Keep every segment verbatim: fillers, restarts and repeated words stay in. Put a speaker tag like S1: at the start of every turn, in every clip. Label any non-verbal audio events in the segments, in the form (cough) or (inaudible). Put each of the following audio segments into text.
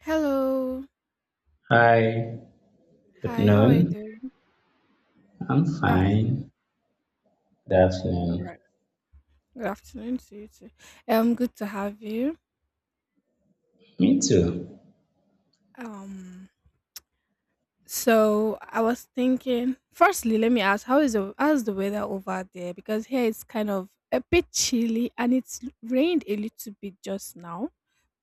S1: Hello.
S2: Hi, good
S1: Hi, how are you
S2: noon.
S1: doing?
S2: I'm
S1: Good afternoon.
S2: fine. Good
S1: All
S2: afternoon.
S1: right. Good afternoon to you too. Um, good to have you.
S2: Me too.
S1: Um, so I was thinking, firstly, let me ask, how is the how's the weather over there? Because here it's kind of a bit chilly and it's l- rained a little bit just now,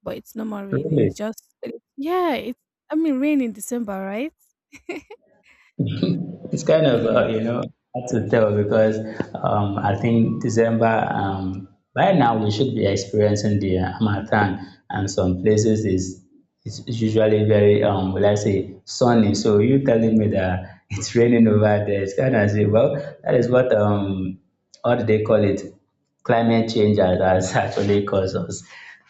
S1: but it's no more raining. It's
S2: Really,
S1: just it- yeah, it's I mean rain in December, right? (laughs)
S2: it's kind of
S1: Yeah.
S2: uh, you know hard to tell because um, I think December. Um, by now we should be experiencing the uh, harmattan, and some places is it's it's usually very um, will I say sunny. So you telling me that (laughs) it's raining over there? It's kind of say, well, that is what um, how do they call it? Climate change has has actually caused us.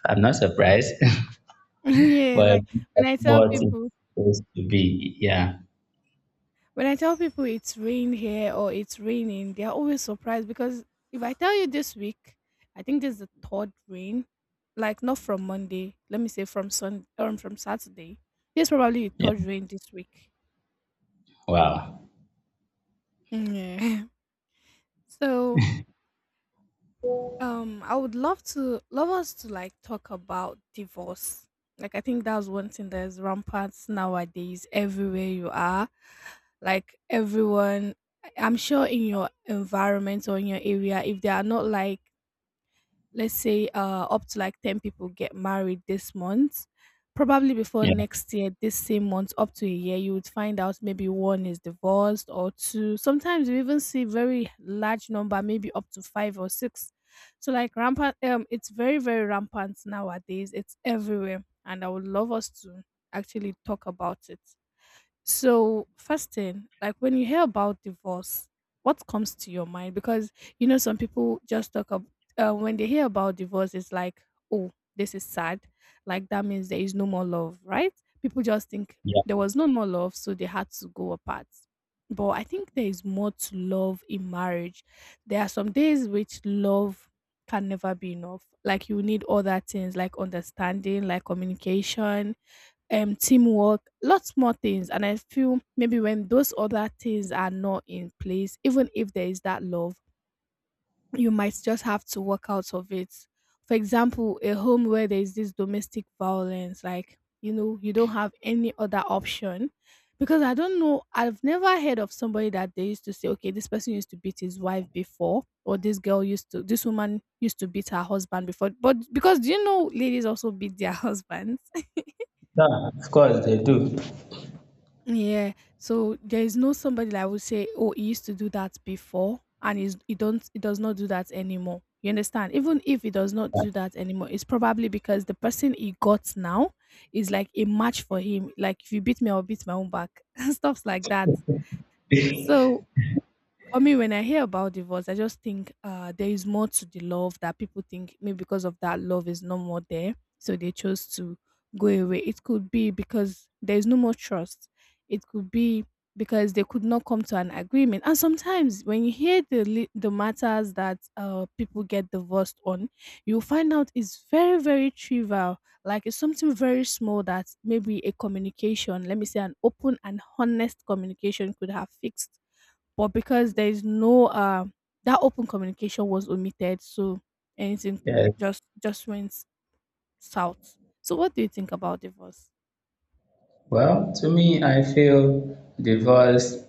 S2: I'm not surprised. (laughs)
S1: (laughs) Yeah,
S2: Well,
S1: like when I tell
S2: what it's
S1: people
S2: supposed to be. Yeah.
S1: when I tell people it's rain here or it's raining, they're always surprised because if I tell you this week, I think this is the third rain, like not from Monday, let me say from Sun um, from Saturday. This is probably the
S2: Yeah.
S1: third rain this week.
S2: Wow.
S1: Yeah. (laughs) So Um, I would love to love us to like talk about divorce. Like I think that's one thing that is rampant nowadays everywhere you are. Like everyone I- I'm sure in your environment or in your area, if they are not like let's say uh up to like ten people get married this month, probably before
S2: Yeah.
S1: next year this same month up to a year you would find out maybe one is divorced or two. Sometimes you even see very large number, maybe up to five or six. So like rampant, um it's very very rampant nowadays, it's everywhere, and I would love us to actually talk about it. So, first thing, like when you hear about divorce, what comes to your mind? Because you know, some people just talk about uh, when they hear about divorce, it's like, oh, this is sad. Like that means there is no more love, right? People just think
S2: Yeah.
S1: there was no more love, so they had to go apart. But I think there is more to love in marriage. There are some days which love can never be enough. Like you need other things like understanding, like communication, um teamwork, lots more things. And I feel maybe when those other things are not in place, even if there is that love, you might just have to work out of it. For example, a home where there is this domestic violence, like you know, you don't have any other option. Because I don't know, I've never heard of somebody that they used to say, okay, this person used to beat his wife before, or this girl used to, this woman used to beat her husband before. But because, do you know, ladies also beat their (laughs) husbands?
S2: Yeah, of course they do.
S1: Yeah. So there is no somebody that would say, "Oh, he used to do that before, and he's, he don't he does not do that anymore." You understand? Even if he does not do that anymore, it's probably because the person he got now is like a match for him. Like if you beat me, I'll beat my own back (laughs) and stuff like that. So for me, when I hear about divorce, I just think uh, there is more to the love that people think. Maybe because of that love is no more there, so they chose to go away. It could be because there is no more trust. It could be because they could not come to an agreement. And sometimes when you hear the li- the matters that uh, people get divorced on, you find out it's very very trivial. Like it's something very small that maybe a communication, let me say an open and honest communication, could have fixed, but because there is no uh that open communication was omitted, so anything
S2: Yes.
S1: just just went south. So what do you think about divorce?
S2: Well, to me, I feel divorce.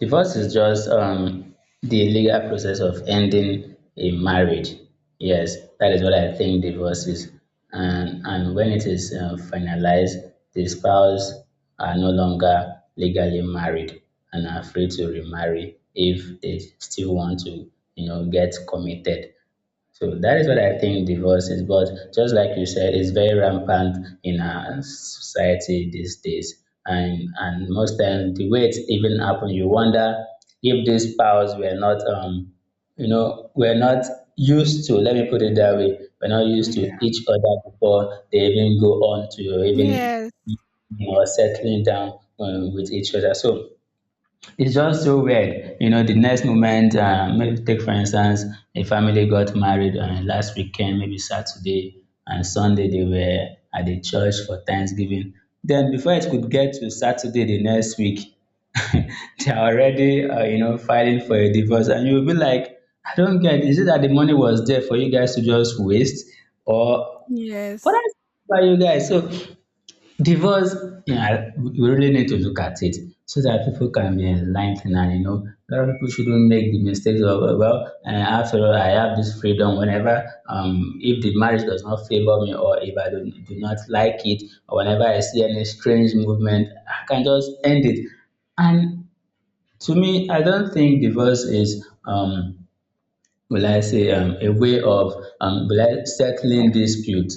S2: Divorce is just um the legal process of ending a marriage. Yes, that is what I think divorce is. And and when it is uh, finalized, the spouse are no longer legally married and are free to remarry if they still want to, you know, get committed. So that is what I think divorce is. But just like you said, it's very rampant in our society these days. And and most times the way it even happen, you wonder if these powers were not um you know were not used to. Let me put it that way. We're not used to
S1: Yeah.
S2: each other before they even go on to even
S1: Yes.
S2: you know settling down um, with each other. So it's just so weird. You know, the next moment, uh, maybe take for instance, a family got married uh, last weekend, maybe Saturday and Sunday, they were at the church for Thanksgiving. Then, before it could get to Saturday the next week, (laughs) they are already, uh, you know, filing for a divorce. And you'll be like, I don't get. Is it that the money was there for you guys to just waste? Or what
S1: Yes.
S2: else by you guys? So, divorce, yeah, we really need to look at it so that people can be enlightened, and you know, a lot of people shouldn't make the mistakes of uh, well, uh, after all, I have this freedom whenever um if the marriage does not favor me, or if I do, do not like it, or whenever I see any strange movement, I can just end it. And to me, I don't think divorce is um will I say um a way of um will I settling dispute.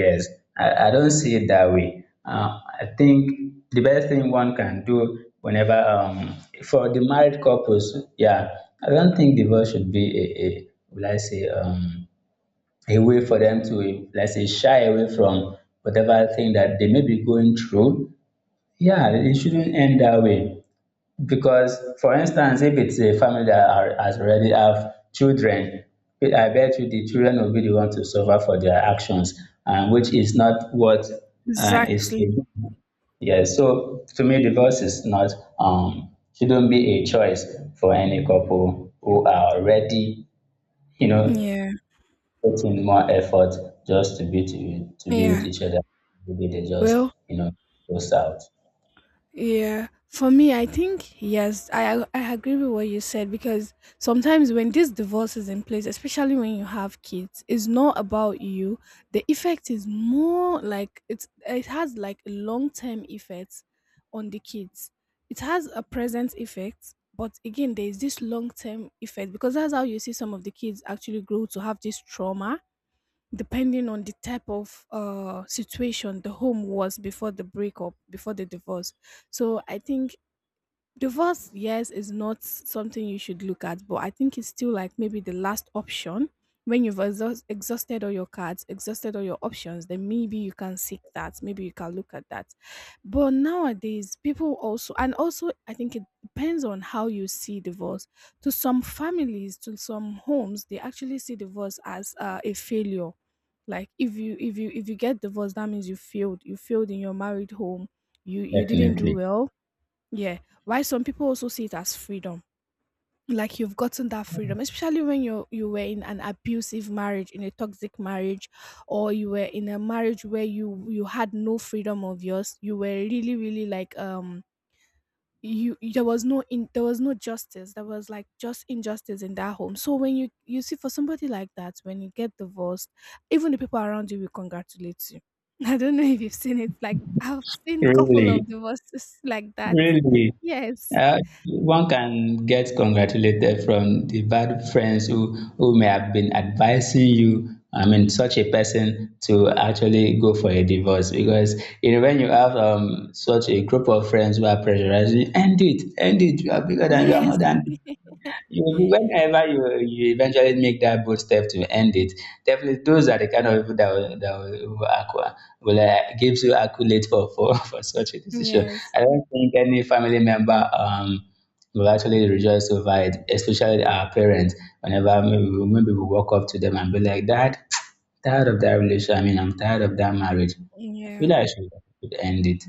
S2: Yes, I, I don't see it that way. Uh, I think the best thing one can do whenever, um, for the married couples, yeah, I don't think divorce should be a, a will I say, um, a way for them to, let's say, shy away from whatever thing that they may be going through. Yeah, it shouldn't end that way. Because, for instance, if it's a family that are, has already have children, I bet you the children will be the one to suffer for their actions, and which is not what uh, is
S1: Exactly.
S2: to be. Yes, so to me, divorce is not um shouldn't be a choice for any couple who are already, you know,
S1: Yeah.
S2: putting more effort just to be to, to be with
S1: Yeah.
S2: each other. Maybe they just,
S1: Well,
S2: you know, goes out.
S1: yeah, for me, I think yes, I I agree with what you said because sometimes when this divorce is in place, especially when you have kids, it's not about you. The effect is more like it's it has like a long term effect on the kids. It has a present effect, but again, there is this long term effect because that's how you see some of the kids actually grow to have this trauma depending on the type of uh, situation the home was before the breakup, before the divorce. So I think divorce, yes, is not something you should look at, but I think it's still like maybe the last option. When you've exhaust, exhausted all your cards, exhausted all your options, then maybe you can seek that. Maybe you can look at that. But nowadays, people also, and also, I think it depends on how you see divorce. To some families, to some homes, they actually see divorce as uh, a failure. Like if you if you if you get divorced, that means you failed. You failed in your married home. You you didn't do
S2: Definitely.
S1: well, yeah. Why some people also see it as freedom. Like you've gotten that freedom, especially when you you were in an abusive marriage, in a toxic marriage, or you were in a marriage where you you had no freedom of yours. You were really, really like um you, there was no in there was no justice. There was like just injustice in that home. So when you you see for somebody like that, when you get divorced, even the people around you will congratulate you. (laughs) I don't know if you've seen it. Like I've seen couple
S2: Really.
S1: of divorces like that.
S2: Really.
S1: Yes.
S2: uh, one can get congratulated from the bad friends who, who may have been advising you, I mean, such a person to actually go for a divorce. Because you know when you have um, such a group of friends who are pressurizing you, end it, end it, you are bigger than, you are
S1: Yes,
S2: more than, you will be- whenever you, you eventually make that bold step to end it, definitely those are the kind of people that will, that will, will, acqua, will uh, give you accolade for, for, (laughs) for such a decision.
S1: yes,
S2: I don't think any family member um, will actually rejoice over it, especially our parents. Whenever maybe, we- maybe we walk up to them and be like, Dad, tired of that relation. I mean, I'm tired of that marriage. I
S1: yeah,
S2: feel like I should, should end it.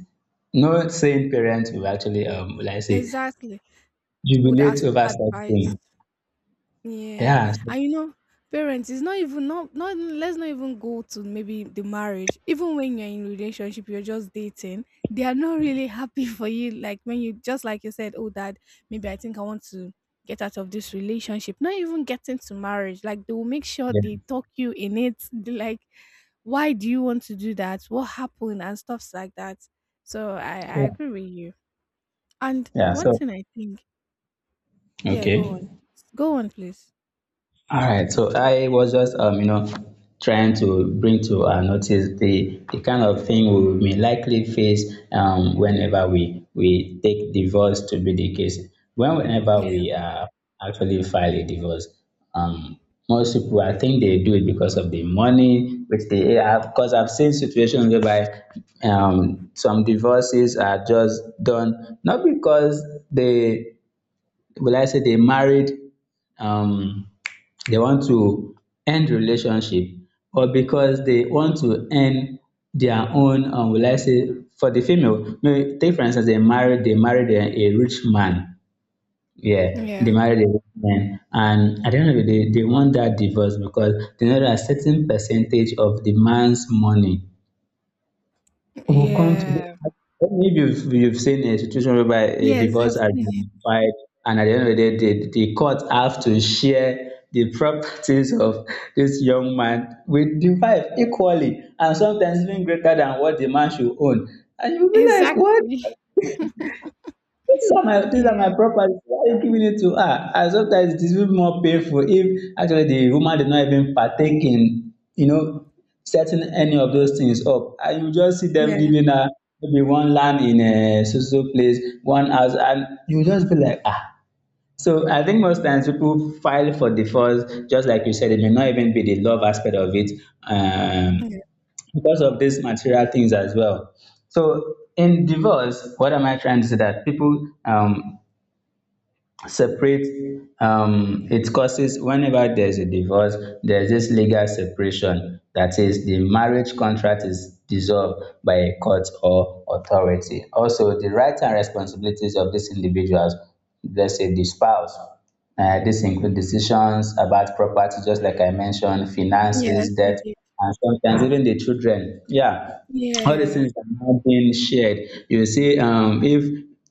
S2: No sane parent will actually, um, will I say,
S1: exactly. Would
S2: jubilate
S1: ask
S2: over such
S1: advice.
S2: thing.
S1: Yeah.
S2: Yeah, so
S1: And you know, parents is not even not not let's not even go to maybe the marriage. Even when you're in relationship, you're just dating, they are not really happy (laughs) for you. Like when you just like you said, oh dad, maybe I think I want to get out of this relationship. Not even getting to marriage. Like they will make sure
S2: yeah,
S1: they talk you in it. (laughs) They like, why do you want to do that? What happened and stuffs like that. So I, I
S2: yeah,
S1: agree with you. And
S2: yeah.
S1: one
S2: So,
S1: thing I think, yeah, go
S2: okay.
S1: on, go on, please.
S2: All right. So I was just, um, you know, trying to bring to our notice the the kind of thing we may likely face um whenever we we take divorce to be the case. When whenever
S1: Yeah,
S2: we uh, actually file a divorce, um, most people I think they do it because of the money which they have. Because I've seen situations whereby um some divorces are just done not because they will I say they married, um, they want to end relationship, or because they want to end their own, um, will I say, for the female, maybe take for instance, they married, they married a, a rich man. Yeah, they
S1: yeah,
S2: married a rich man, and at the end of the day, they want that divorce because they know that a certain percentage of the man's money we'll come to
S1: yeah.
S2: the- maybe you've, you've seen a situation whereby a
S1: Yes,
S2: divorce
S1: I've
S2: has
S1: seen it.
S2: been filed, and at the end of the day, the, the court have to share the properties of this young man with the wife equally, and sometimes even greater than what the man should own. And you'll be like, what?
S1: Exactly. (laughs)
S2: (laughs) These are my, these are
S1: Yeah,
S2: my properties. Why are you giving it to her? And sometimes it is even more painful if actually the woman did not even partake in, you know, setting any of those things up. And you just see them
S1: yeah,
S2: giving her maybe one land in a so so place, one house, and you just be like, ah. So I think most times people file for divorce, just like you said, it may not even be the love aspect of it.
S1: yeah.
S2: Um because of these material things as well. So in divorce, what am I trying to say? That people um, separate. Um, it causes whenever there's a divorce, there's this legal separation. That is, the marriage contract is dissolved by a court or authority. Also, the rights and responsibilities of these individuals, let's say the spouse, uh, this include decisions about property, just like I mentioned,
S1: Yes,
S2: finances,
S1: you
S2: debt,
S1: did.
S2: and sometimes even the children. Yeah, all these
S1: Yeah,
S2: things are now being shared. You will see um, if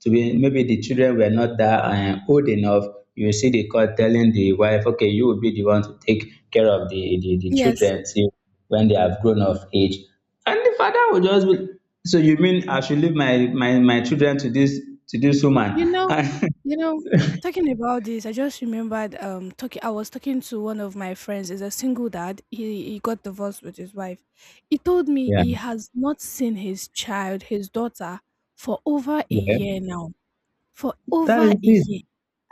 S2: to be, maybe the children were not that um, old enough, you will see the court telling the wife, okay, you will be the one to take care of the, the, the
S1: yes.
S2: children till when they have grown of age. And the father will just be, so you mean I should leave my, my, my children to this to this
S1: You
S2: woman? (laughs)
S1: know,
S2: And
S1: you know. Talking about this, I just remembered. Um, talking. I was talking to one of my friends. Is a single dad. He he got divorced with his wife. He told me he has not seen his child, his daughter, for over a
S2: yeah, yeah,
S1: year now. For
S2: that
S1: over
S2: is
S1: a
S2: it.
S1: year.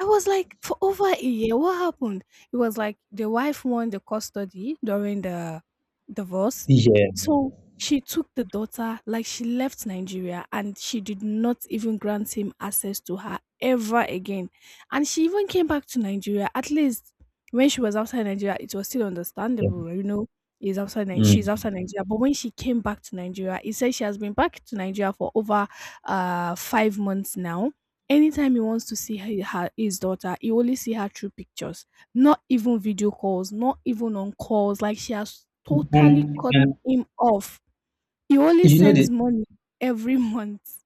S1: I was like, for over a year, what happened? It was like the wife won the custody during the divorce.
S2: Yeah,
S1: So she took the daughter, like she left Nigeria and she did not even grant him access to her ever again. And she even came back to Nigeria. At least when she was outside Nigeria, it was still
S2: yeah.
S1: understandable, you know. Is outside Nigeria, she's
S2: Mm.
S1: outside Nigeria. But when she came back to Nigeria, he said she has been back to Nigeria for over uh five months now. Anytime he wants to see her, her his daughter, he only see her through pictures, not even video calls, not even on calls. Like she has totally
S2: And
S1: cut
S2: and
S1: him off. He only
S2: you know
S1: sends
S2: the
S1: money every (laughs) month.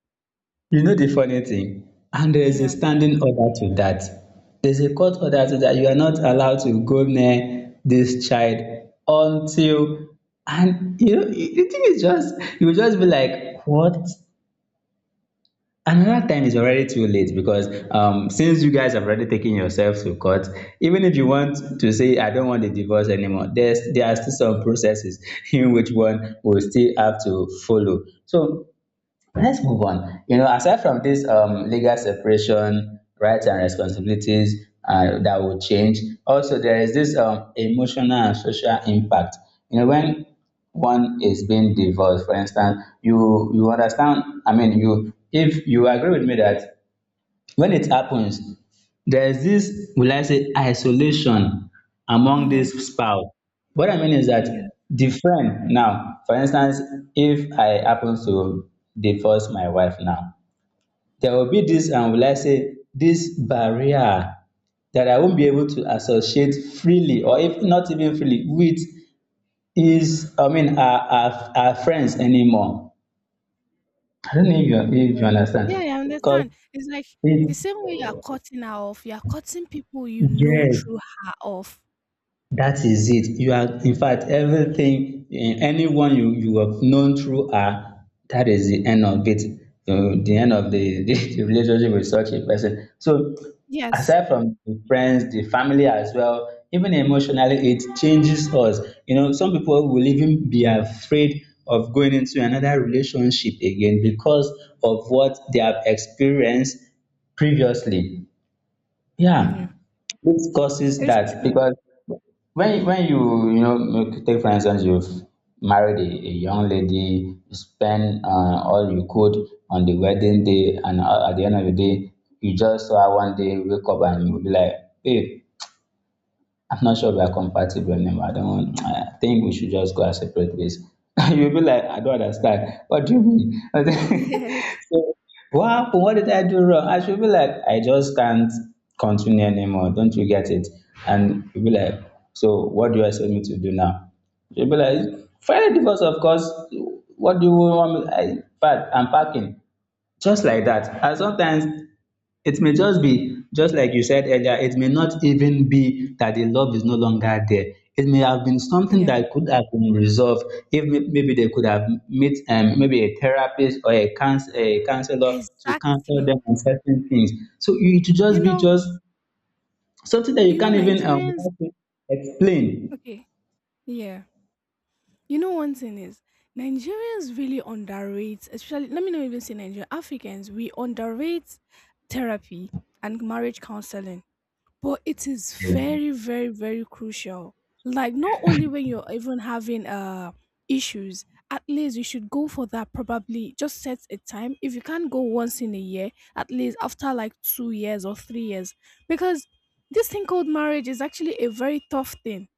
S2: You know the funny thing? And there is a
S1: Yeah,
S2: standing order to that. There's a court order to that you are not allowed to go near this child until, and you know the thing is just you will just be like what? Another time is already too late because um since you guys have already taken yourselves to court, even if you want to say I don't want the divorce anymore, there's there are still some processes (laughs) in which one will still have to follow. So let's move on. You know, aside from this um, legal separation, rights and responsibilities uh, that will change, also there is this um, emotional and social impact. You know, when one is being divorced, for instance, you you understand. I mean, you if you agree with me that when it happens there is this will I say isolation among
S1: yeah,
S2: this spouse. What I mean is
S1: yeah,
S2: that the friend now, for instance, if I happen to divorce my wife now, there will be this and will I say this barrier that I won't be able to associate freely, or if not even freely, with is I mean our our, our friends anymore. I don't know if you, if you
S1: yeah. Yeah,
S2: understand.
S1: I
S2: Because
S1: understand. It's like the
S2: it
S1: same way you are cutting her off, you are cutting people you know
S2: yes,
S1: through her off.
S2: that is it. You are, in fact, everything, eh, anyone you, you have known through her, that is the end of it. Uh, the end of the, (laughs) the, the relationship with such a person. So,
S1: Yes.
S2: aside from the friends, the family as well, even emotionally, it changes us. You know, some people will even be afraid of going into another relationship again because of what they have experienced previously. Yeah,
S1: Yeah.
S2: this causes
S1: It's
S2: that
S1: true.
S2: because when when you you know make- take for instance you've married a, a young lady, you spend uh, all you could on the wedding day, and a- at the end of the day, you just saw her one day wake up and you'll be like, babe, I'm not sure we are compatible anymore. I don't want, (tsk) I think we should just go our separate ways. (laughs) You'll be like, I don't understand. What do you mean? (laughs)
S1: Yes.
S2: So, what happened? What did I do wrong? I should be like, I just can't continue anymore. Don't you get it? And you'll be like, so what do you expect me to do now? She'll be like, file a divorce, of course. What do you want me? I, in fact, I'm packing. Just like that. And sometimes it may just be, just like you said earlier, it may not even be that the love is no longer there. It may have been something
S1: Yeah.
S2: that could have been resolved if may- maybe they could have met um, maybe a therapist or a, couns- a counselor to counsel
S1: Exactly.
S2: them on certain things. So it should
S1: You
S2: just be
S1: know,
S2: just something that you
S1: you know
S2: can't even um,
S1: Nigerians
S2: explain.
S1: okay. Yeah. You know, one thing is Nigerians really underrate, especially let me not even say Nigerian, Africans, we underrate therapy and marriage counseling. But it is very, very, very crucial. Like not only when you're even having uh issues, at least you should go for that, probably just set a time. If you can't go once in a year, at least after like two years or three years. Because this thing called marriage is actually a very tough thing.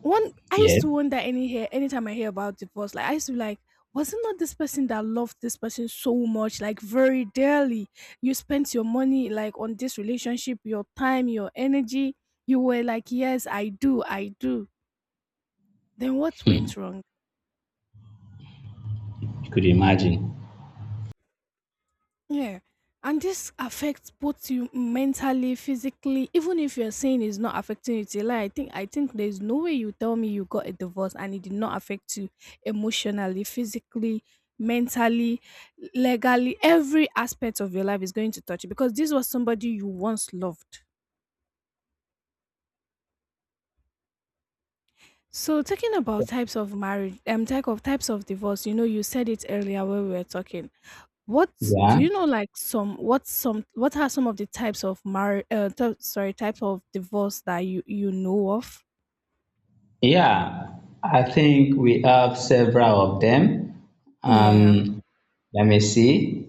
S1: One I used
S2: Yes,
S1: to wonder any hear Anytime I hear about divorce, like I used to be like, was it not this person that loved this person so much, like very dearly? You spent your money like on this relationship, your time, your energy. You were like, yes, I do, I do. Then what went wrong?
S2: you could imagine.
S1: Yeah. And this affects both you mentally, physically. Even if you're saying it's not affecting you, till I think I think there's no way you tell me you got a divorce and it did not affect you emotionally, physically, mentally, legally. Every aspect of your life is going to touch you because this was somebody you once loved. So talking about types of marriage, um, type of types of divorce. You know, you said it earlier when we were talking. What do
S2: Yeah.
S1: you know? Like some, what some, what are some of the types of marriage? Uh, t- sorry, types of divorce that you you know of?
S2: Yeah, I think we have several of them.
S1: Yeah,
S2: Um, Let me see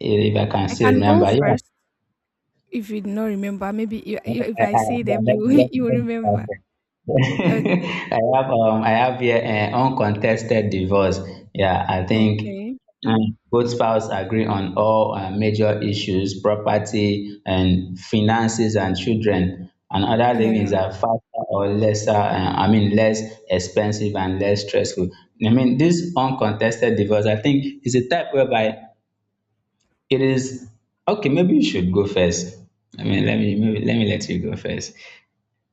S2: if I can
S1: I
S2: still
S1: can go
S2: remember. Yeah,
S1: first if you do not remember. Maybe you, you, if
S2: I
S1: I
S2: have,
S1: say them,
S2: let
S1: you
S2: me,
S1: (laughs)
S2: let
S1: you
S2: me,
S1: will
S2: let me start
S1: remember.
S2: here. (laughs)
S1: Okay.
S2: I have um I have here an uncontested divorce. Yeah, I think
S1: Okay.
S2: um, both spouse agree on all uh, major issues, property and finances and children. Another thing is
S1: Yeah.
S2: that faster or lesser, uh, I mean less expensive and less stressful. I mean this uncontested divorce, I think is a type whereby it is okay. Maybe you should go first. I mean, let me maybe, let me let you go first.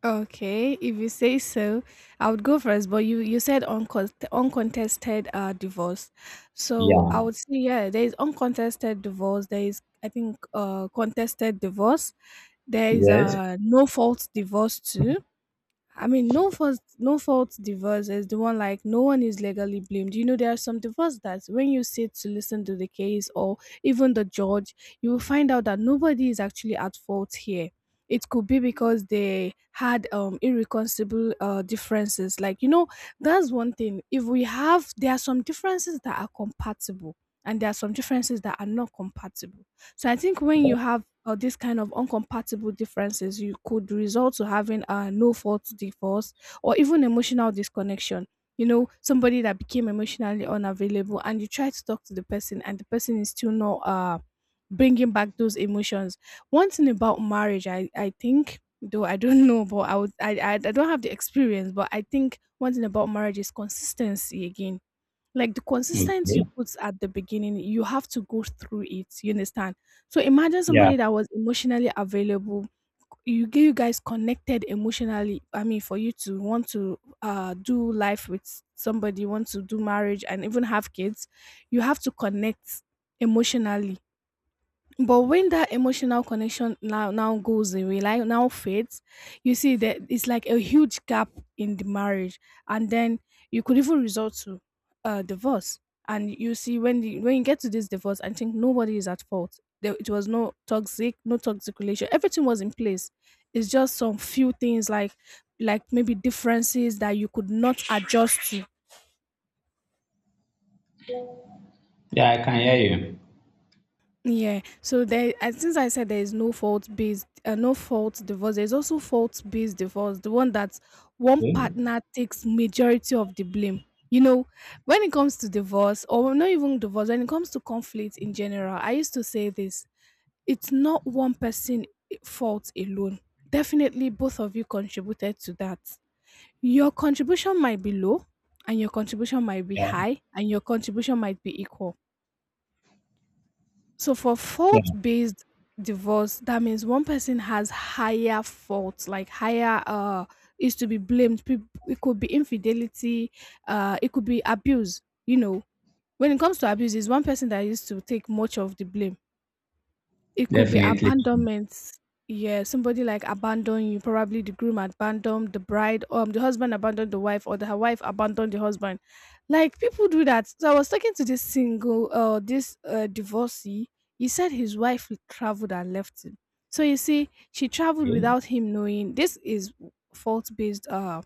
S1: Okay, if you say so, I would go first. But you you said uncont uncontested uh divorce, so I
S2: Yeah.
S1: would say yeah, there is uncontested divorce. There is, I think, uh contested divorce. There is
S2: Yes.
S1: uh no fault divorce too. I mean, no fault, no fault divorce is the one like no one is legally blamed. You know, there are some divorce that when you sit to listen to the case or even the judge, you will find out that nobody is actually at fault here. It could be because they had um irreconcilable uh, differences. Like, you know, that's one thing. If we have, there are some differences that are compatible, and there are some differences that are not compatible. So I think when you have or this kind of incompatible differences you could result to having a no fault divorce, or even emotional disconnection. You know somebody that became emotionally unavailable, and you try to talk to the person and the person is still not uh bringing back those emotions. One thing about marriage, i i think, though I don't (laughs) know, but I would I I, I don't have the experience, but I think one thing about marriage is consistency again, like the consistency you
S2: Okay.
S1: put at the beginning, you have to go through it. You understand? So imagine
S2: Yeah.
S1: somebody that was emotionally available. You get you guys connected emotionally. I mean, for you to want to uh do life with somebody, want to do marriage and even have kids, you have to connect emotionally. But when that emotional connection now now goes away, like now fades, you see that it's like a huge gap in the marriage, and then you could even resort to uh, divorce. And you see when the, when you get to this divorce, I think nobody is at fault. There, it was no toxic, no toxic relation. Everything was in place. It's just some few things, like like maybe differences that you could not adjust to.
S2: Yeah, I can hear you.
S1: Yeah. So there, and since I said there is no fault based, uh, no fault divorce, there is also fault based divorce, the one that one partner takes majority of the blame. You know, when it comes to divorce, or not even divorce, when it comes to conflict in general, I used to say this: it's not one person, eh, fault alone. Definitely, both of you contributed to that. Your contribution might be low, and your contribution might be
S2: Yeah.
S1: high, and your contribution might be equal. So for
S2: Yeah.
S1: fault-based divorce, that means one person has higher faults, like higher, uh is to be blamed. Peop- It could be infidelity, uh, it could be abuse. You know, when it comes to abuse, it's one person that used to take much of the blame. It could be
S2: Definitely.
S1: abandonment. Yeah, somebody like abandoned you. Probably the groom abandoned the bride, um, the husband abandoned the wife, or the h- wife abandoned the husband. Like people do that. So I was talking to this single, uh, this uh, divorcee. He said his wife traveled and left him. So you see, she traveled
S2: Okay.
S1: without him knowing. This is fault based uh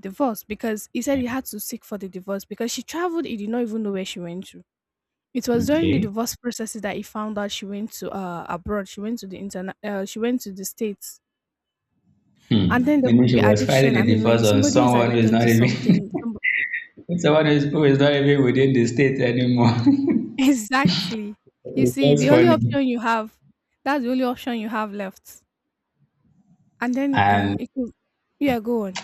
S1: divorce because he said he had to seek for the divorce because she traveled. He did not even know where she went to. It was during the
S2: Okay.
S1: divorce processes that he found out she went to uh abroad. She went to the internet. Uh, she went to the states, and then
S2: Hmm.
S1: there
S2: Meaning
S1: could be
S2: she was
S1: addiction.
S2: filing
S1: I
S2: a
S1: mean, when
S2: divorce on
S1: somebody is
S2: someone who is
S1: addicted
S2: not
S1: to
S2: even
S1: something, some,
S2: (laughs) someone who is, who is not even within the state anymore. (laughs)
S1: (laughs) exactly. You
S2: It's
S1: see,
S2: just
S1: the only
S2: funny.
S1: option you have, that's the only option you have left. And then um,
S2: And
S1: it could, yeah, go on.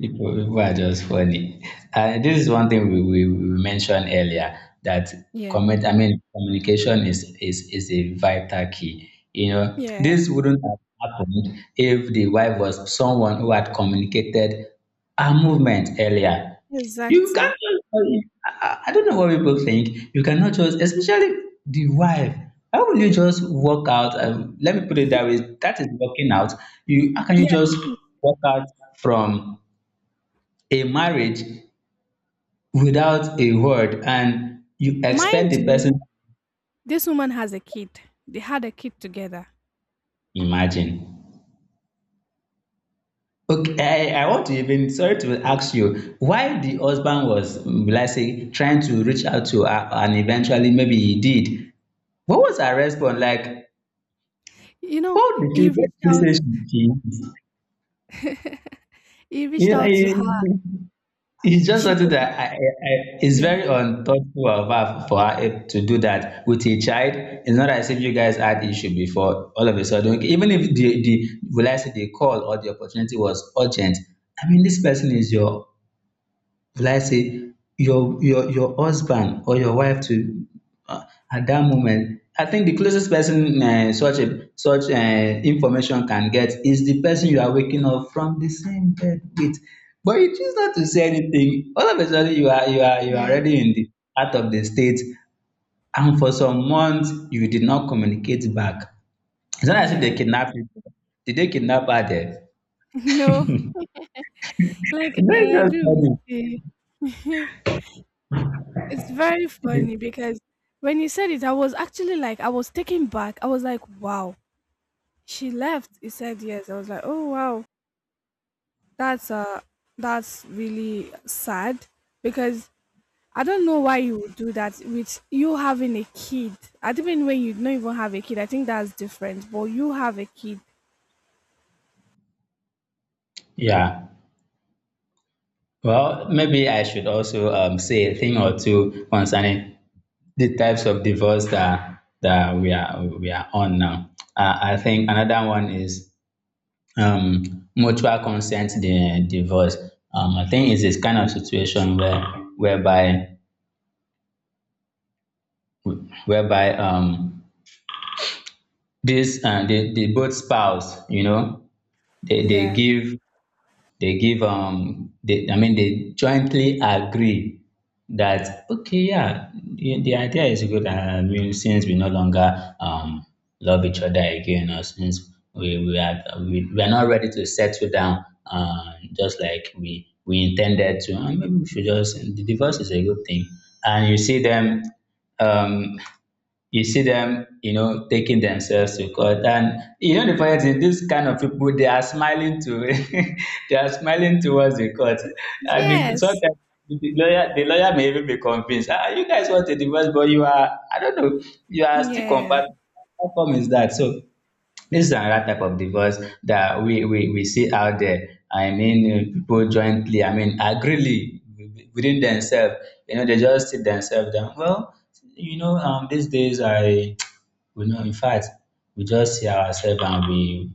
S2: people, people are just funny. And This is one thing we, we, we mentioned earlier that
S1: Yeah,
S2: comment. I mean, communication is, is is a vital key. You know,
S1: yeah,
S2: this wouldn't have happened if the wife was someone who had communicated our movement earlier. You can't.
S1: exactly.
S2: just- I, I I don't know what people think. You cannot just, especially the wife. How will you just walk out? Um, let me put it that way. That is walking out. You how can you
S1: Yes, it
S2: just
S1: is.
S2: walk out from a marriage without a word and you expect
S1: Mind
S2: the person
S1: you,
S2: to
S1: this woman has a kid. They had a kid together.
S2: imagine. Okay, i i want to even sorry to ask you why the husband was mm, will I say trying to reach out to her and eventually maybe he did. What was her response like?
S1: You know,
S2: what did she
S1: he
S2: what
S1: reached
S2: did she
S1: out.
S2: say? She did
S1: (laughs) he reached
S2: you.
S1: out to her.
S2: It's just
S1: She
S2: something
S1: could.
S2: that I, I, I, it's
S1: Yeah.
S2: very unthoughtful of her for her to do that with a child. It's not as if you guys had issue before. All of a sudden, even if the the will I say the call or the opportunity was urgent. I mean, this person is your, will I say, your your your husband or your wife to um at that moment. I think the closest person um such a such um information can get is the person you are waking up from the same bed with, but you choose not to say anything. All of a sudden, you are you are you are
S1: Yeah.
S2: already in the heart of the state and for some months you did not communicate back. It's not as if dey
S1: Yeah. (laughs)
S2: kidnap you, did they kidnap her there?
S1: No, like
S2: (laughs) E no
S1: I
S2: just
S1: agree with
S2: funny.
S1: you. (laughs) It's very funny because when you said it, I was actually like, I was taken back. I was like, wow, she left. He said yes. I was like, oh wow, that's uh, that's really sad because I don't know why you would do that with you having a kid. I Even when you don't even have a kid, I think that's different. But you have a kid.
S2: Yeah. Well, maybe I should also um, say a thing or two concerning the types of divorce that that we are we are on now. Uh, I think another one is um, mutual consent di- divorce. Um, I think it's this kind of situation where whereby whereby um, this uh, the, the both spouse, you know, they, they
S1: Yeah.
S2: give, they give um they, I mean, they jointly agree that okay, yeah, the, the idea is good. uh, I mean, since we no longer um love each other again, or since we we are we, we are not ready to settle down, uh, just like we we intended to. Uh, maybe we should just, the divorce is a good thing. And you see them um you see them, you know, taking themselves to court. And you know the funny thing, this kind of people, they are smiling to (laughs) they are smiling towards the court. And the-
S1: Yes.
S2: sometimes the lawyer the lawyer may even be convinced, ah, you guys want a divorce, but you are, I don't know, you are still
S1: Yeah.
S2: compatible. How come is that? So this is another type of divorce that we, we, we see out there. I mean, uh, people jointly, I mean, agree within themselves. You know, they just sit themselves down. Well, you know, um, these days I, (tsk) we know, in fact, we just see ourselves and we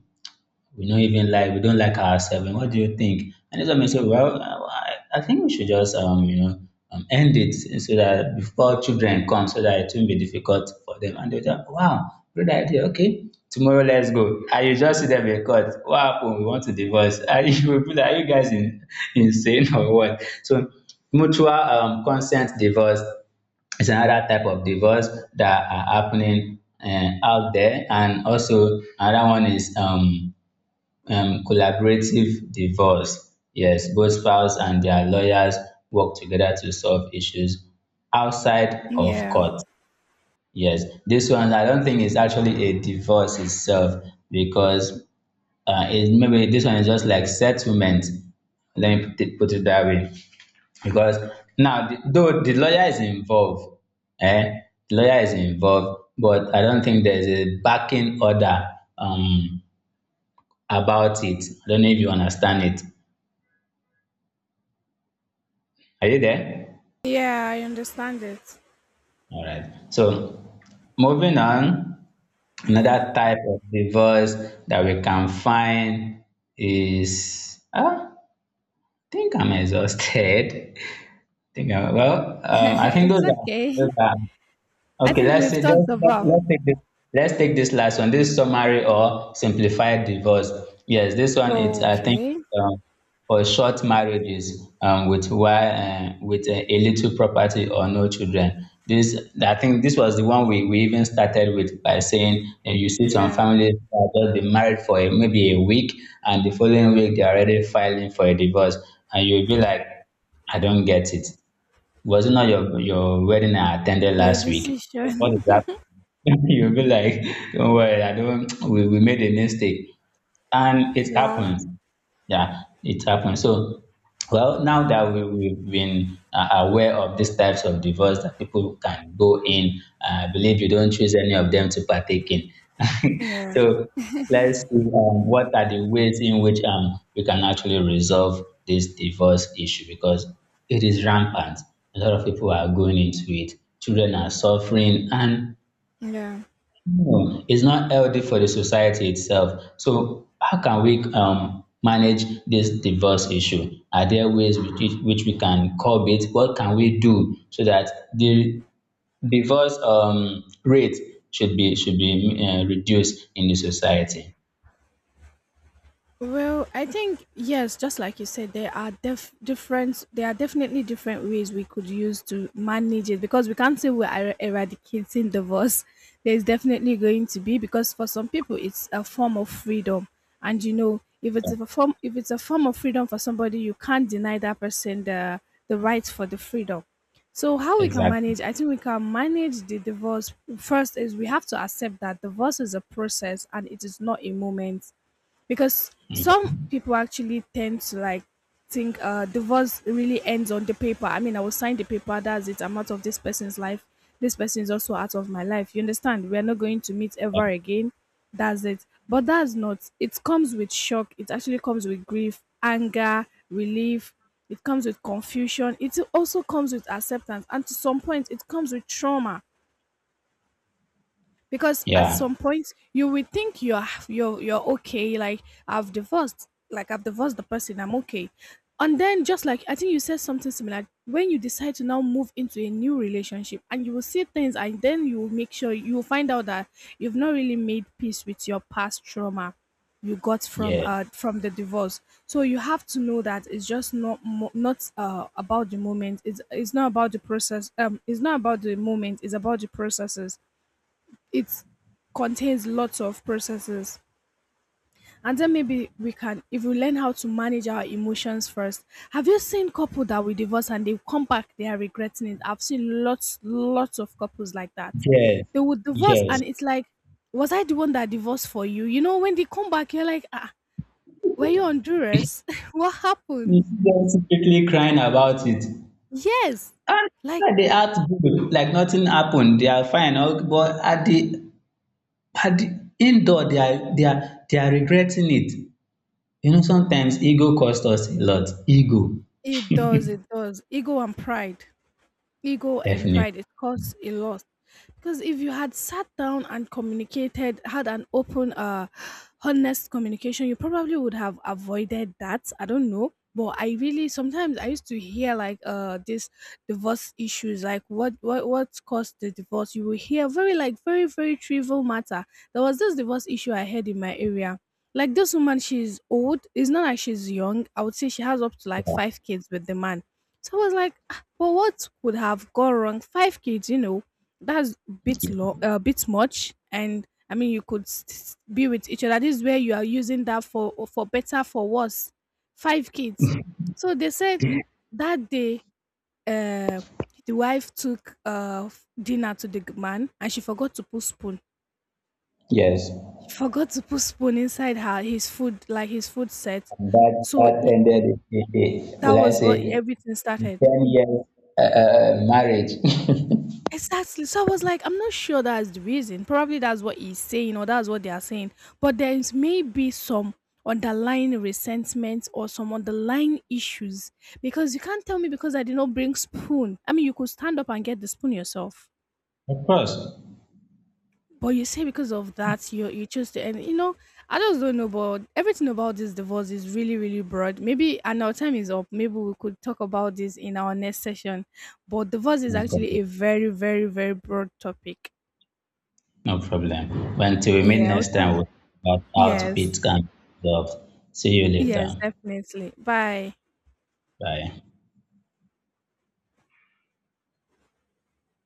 S2: we don't even like we don't like ourselves. What do you think? And this woman said, well, I, I think we should just um you know um, end it so that before children come, so that it won't be difficult for them. And they thought, wow, good idea. Okay, tomorrow let's go. And you just see them in court. What happened? We want to divorce. And (laughs) you will be like, are you guys in, insane or what? So mutual um, consent divorce is another type of divorce that are happening uh, out there. And also another one is um um, collaborative divorce. Yes, both spouse and their lawyers work together to solve issues outside of
S1: Yeah.
S2: court. Yes, this one I don't think is actually a divorce itself because uh, it, maybe this one is just like settlement. Let me put it, put it that way. Because now, the, though the lawyer is involved, eh? The lawyer is involved, but I don't think there's a backing order um, about it. I don't know if you understand it. Are you there?
S1: Yeah. I understand it.
S2: All right. So moving on,
S1: Yeah.
S2: another type of divorce that we can find is ah, I think I'm exhausted. (laughs) I think I, well,
S1: (laughs)
S2: um, I think
S1: It's
S2: those are, those
S1: okay.
S2: are
S1: I
S2: okay.
S1: think
S2: let's
S1: we've
S2: say
S1: talked
S2: let's, let's,
S1: about.
S2: let's take this. Let's take this last one. This summary or simplified divorce. Yes, this one it's I think
S1: Okay.
S2: um, for short marriages um, with why uh, with a, a little property or no children. This, I think this was the one we, we even started with by saying, uh, you see some
S1: Yeah.
S2: families that just been married for a, maybe a week, and the following week they're already filing for a divorce. And you'll be like, I don't get it. Was it not your your wedding I attended
S1: Your
S2: last week?
S1: decision.
S2: What is
S1: (laughs)
S2: that? (laughs) You'll be like, don't worry, I don't. We, we made a mistake. And it
S1: Wow.
S2: happens. Yeah, it happens. So, well, now that we, we've been uh, aware of these types of divorce that people can go in, I believe you don't choose any of them to partake in. (laughs)
S1: Yeah.
S2: So, let's see um, what are the ways in which um, we can actually resolve this divorce issue, because it is rampant. A lot of people are going into it. Children are suffering, and
S1: Yeah.
S2: no, it's not healthy for the society itself. So how can we um, manage this divorce issue? Are there ways which, which we can curb it? What can we do so that the divorce um, rate should be should be uh, reduced in the society?
S1: Well, I think yes, just like you said, there are def- different. There are definitely different ways we could use to manage it because we can't say we're er- eradicating divorce. (laughs) There's definitely going to be, because for some people it's a form of freedom, and you know, if it's a form if it's a form of freedom for somebody, you can't deny that person the the right for the freedom. So how we can
S2: Exactly.
S1: manage? I think we can manage the divorce. First is we have to accept that divorce is a process and it is not a moment, because
S2: Mm.
S1: some people actually tend to like think uh divorce really ends on the paper. I mean, I will sign the paper, that's it, I'm out of this person's life. This person is also out of my life. You understand? We're not going to meet ever again, that's it. But that's not it. Comes with shock, it actually comes with grief, anger, relief. It comes with confusion, it also comes with acceptance, and to some point it comes with trauma, because at
S2: Yeah.
S1: some point you will think you're you're you're okay. Like, I've divorced, like I've divorced the person, I'm okay. And then, just like I think you said something similar, when you decide to now move into a new relationship and you will see things, and then you will make sure you will find out that you've not really made peace with your past trauma you got from
S2: Yeah.
S1: uh from the divorce. So you have to know that it's just not mo- not uh about the moment. It's it's not about the process. Um it's not about the moment, it's about the processes. It contains lots of processes. And then maybe we can, if we learn how to manage our emotions first. Have you seen couple that will divorce and they come back, they are regretting it? I've seen lots, lots of couples like that.
S2: Yes.
S1: They would divorce
S2: Yes.
S1: and it's like, was I the one that divorced for you? You know, when they come back, you're like, ah, were you on duress? (laughs) What happened?
S2: You see them secretly crying about it.
S1: Yes. Like,
S2: And they act good, like nothing happened. They are fine. Okay. But at the, but the indoor, they are they are they are regretting it. You know, sometimes ego costs us a lot. Ego,
S1: it does, it does. Ego and pride. Ego and
S2: definitely.
S1: pride, it costs a lot, because if you had sat down and communicated, had an open, uh honest communication, you probably would have avoided that. I don't know, but I really, sometimes I used to hear like, uh this divorce issues, like what what what caused the divorce, you will hear very, like, very very trivial matter. There was this divorce issue I heard in my area. Like, this woman, she's old, it's not like she's young. I would say she has up to like five kids with the man. So I was like, but what could have gone wrong? five kids, you know, that's a bit long, a bit much. And I mean, you could s- s- be with each other. This is where you are using that, for for better, for worse. Five kids. So they said that day, uh, the wife took uh f- dinner to the g- man, and she forgot to put spoon.
S2: Yes,
S1: She forgot to put spoon inside her his food, like his food set.
S2: and that
S1: So
S2: that
S1: he,
S2: ended a, a, a
S1: that
S2: will I
S1: was
S2: say,
S1: what everything started.
S2: ten years uh, uh, marriage. (laughs)
S1: Exactly. So I was like, I'm not sure that's the reason. Probably that's what he's saying, or that's what they are saying. But there is maybe some underlying resentment or some underlying issues, because you can't tell me because I did not bring spoon. I mean, you could stand up and get the spoon yourself.
S2: Of course.
S1: But you say because of that, you you choose to. And, You know, I just don't know. But everything about this divorce is really, really broad. Maybe, and our time is up, maybe we could talk about this in our next session. But divorce is
S2: No
S1: actually
S2: problem.
S1: a very, very, very broad topic.
S2: No problem. Well, until we meet
S1: Yeah, we'll
S2: next time,
S1: talk-
S2: we'll talk about how
S1: yes,
S2: it can be resolved. See you
S1: yes,
S2: later.
S1: definitely. Bye.
S2: Bye.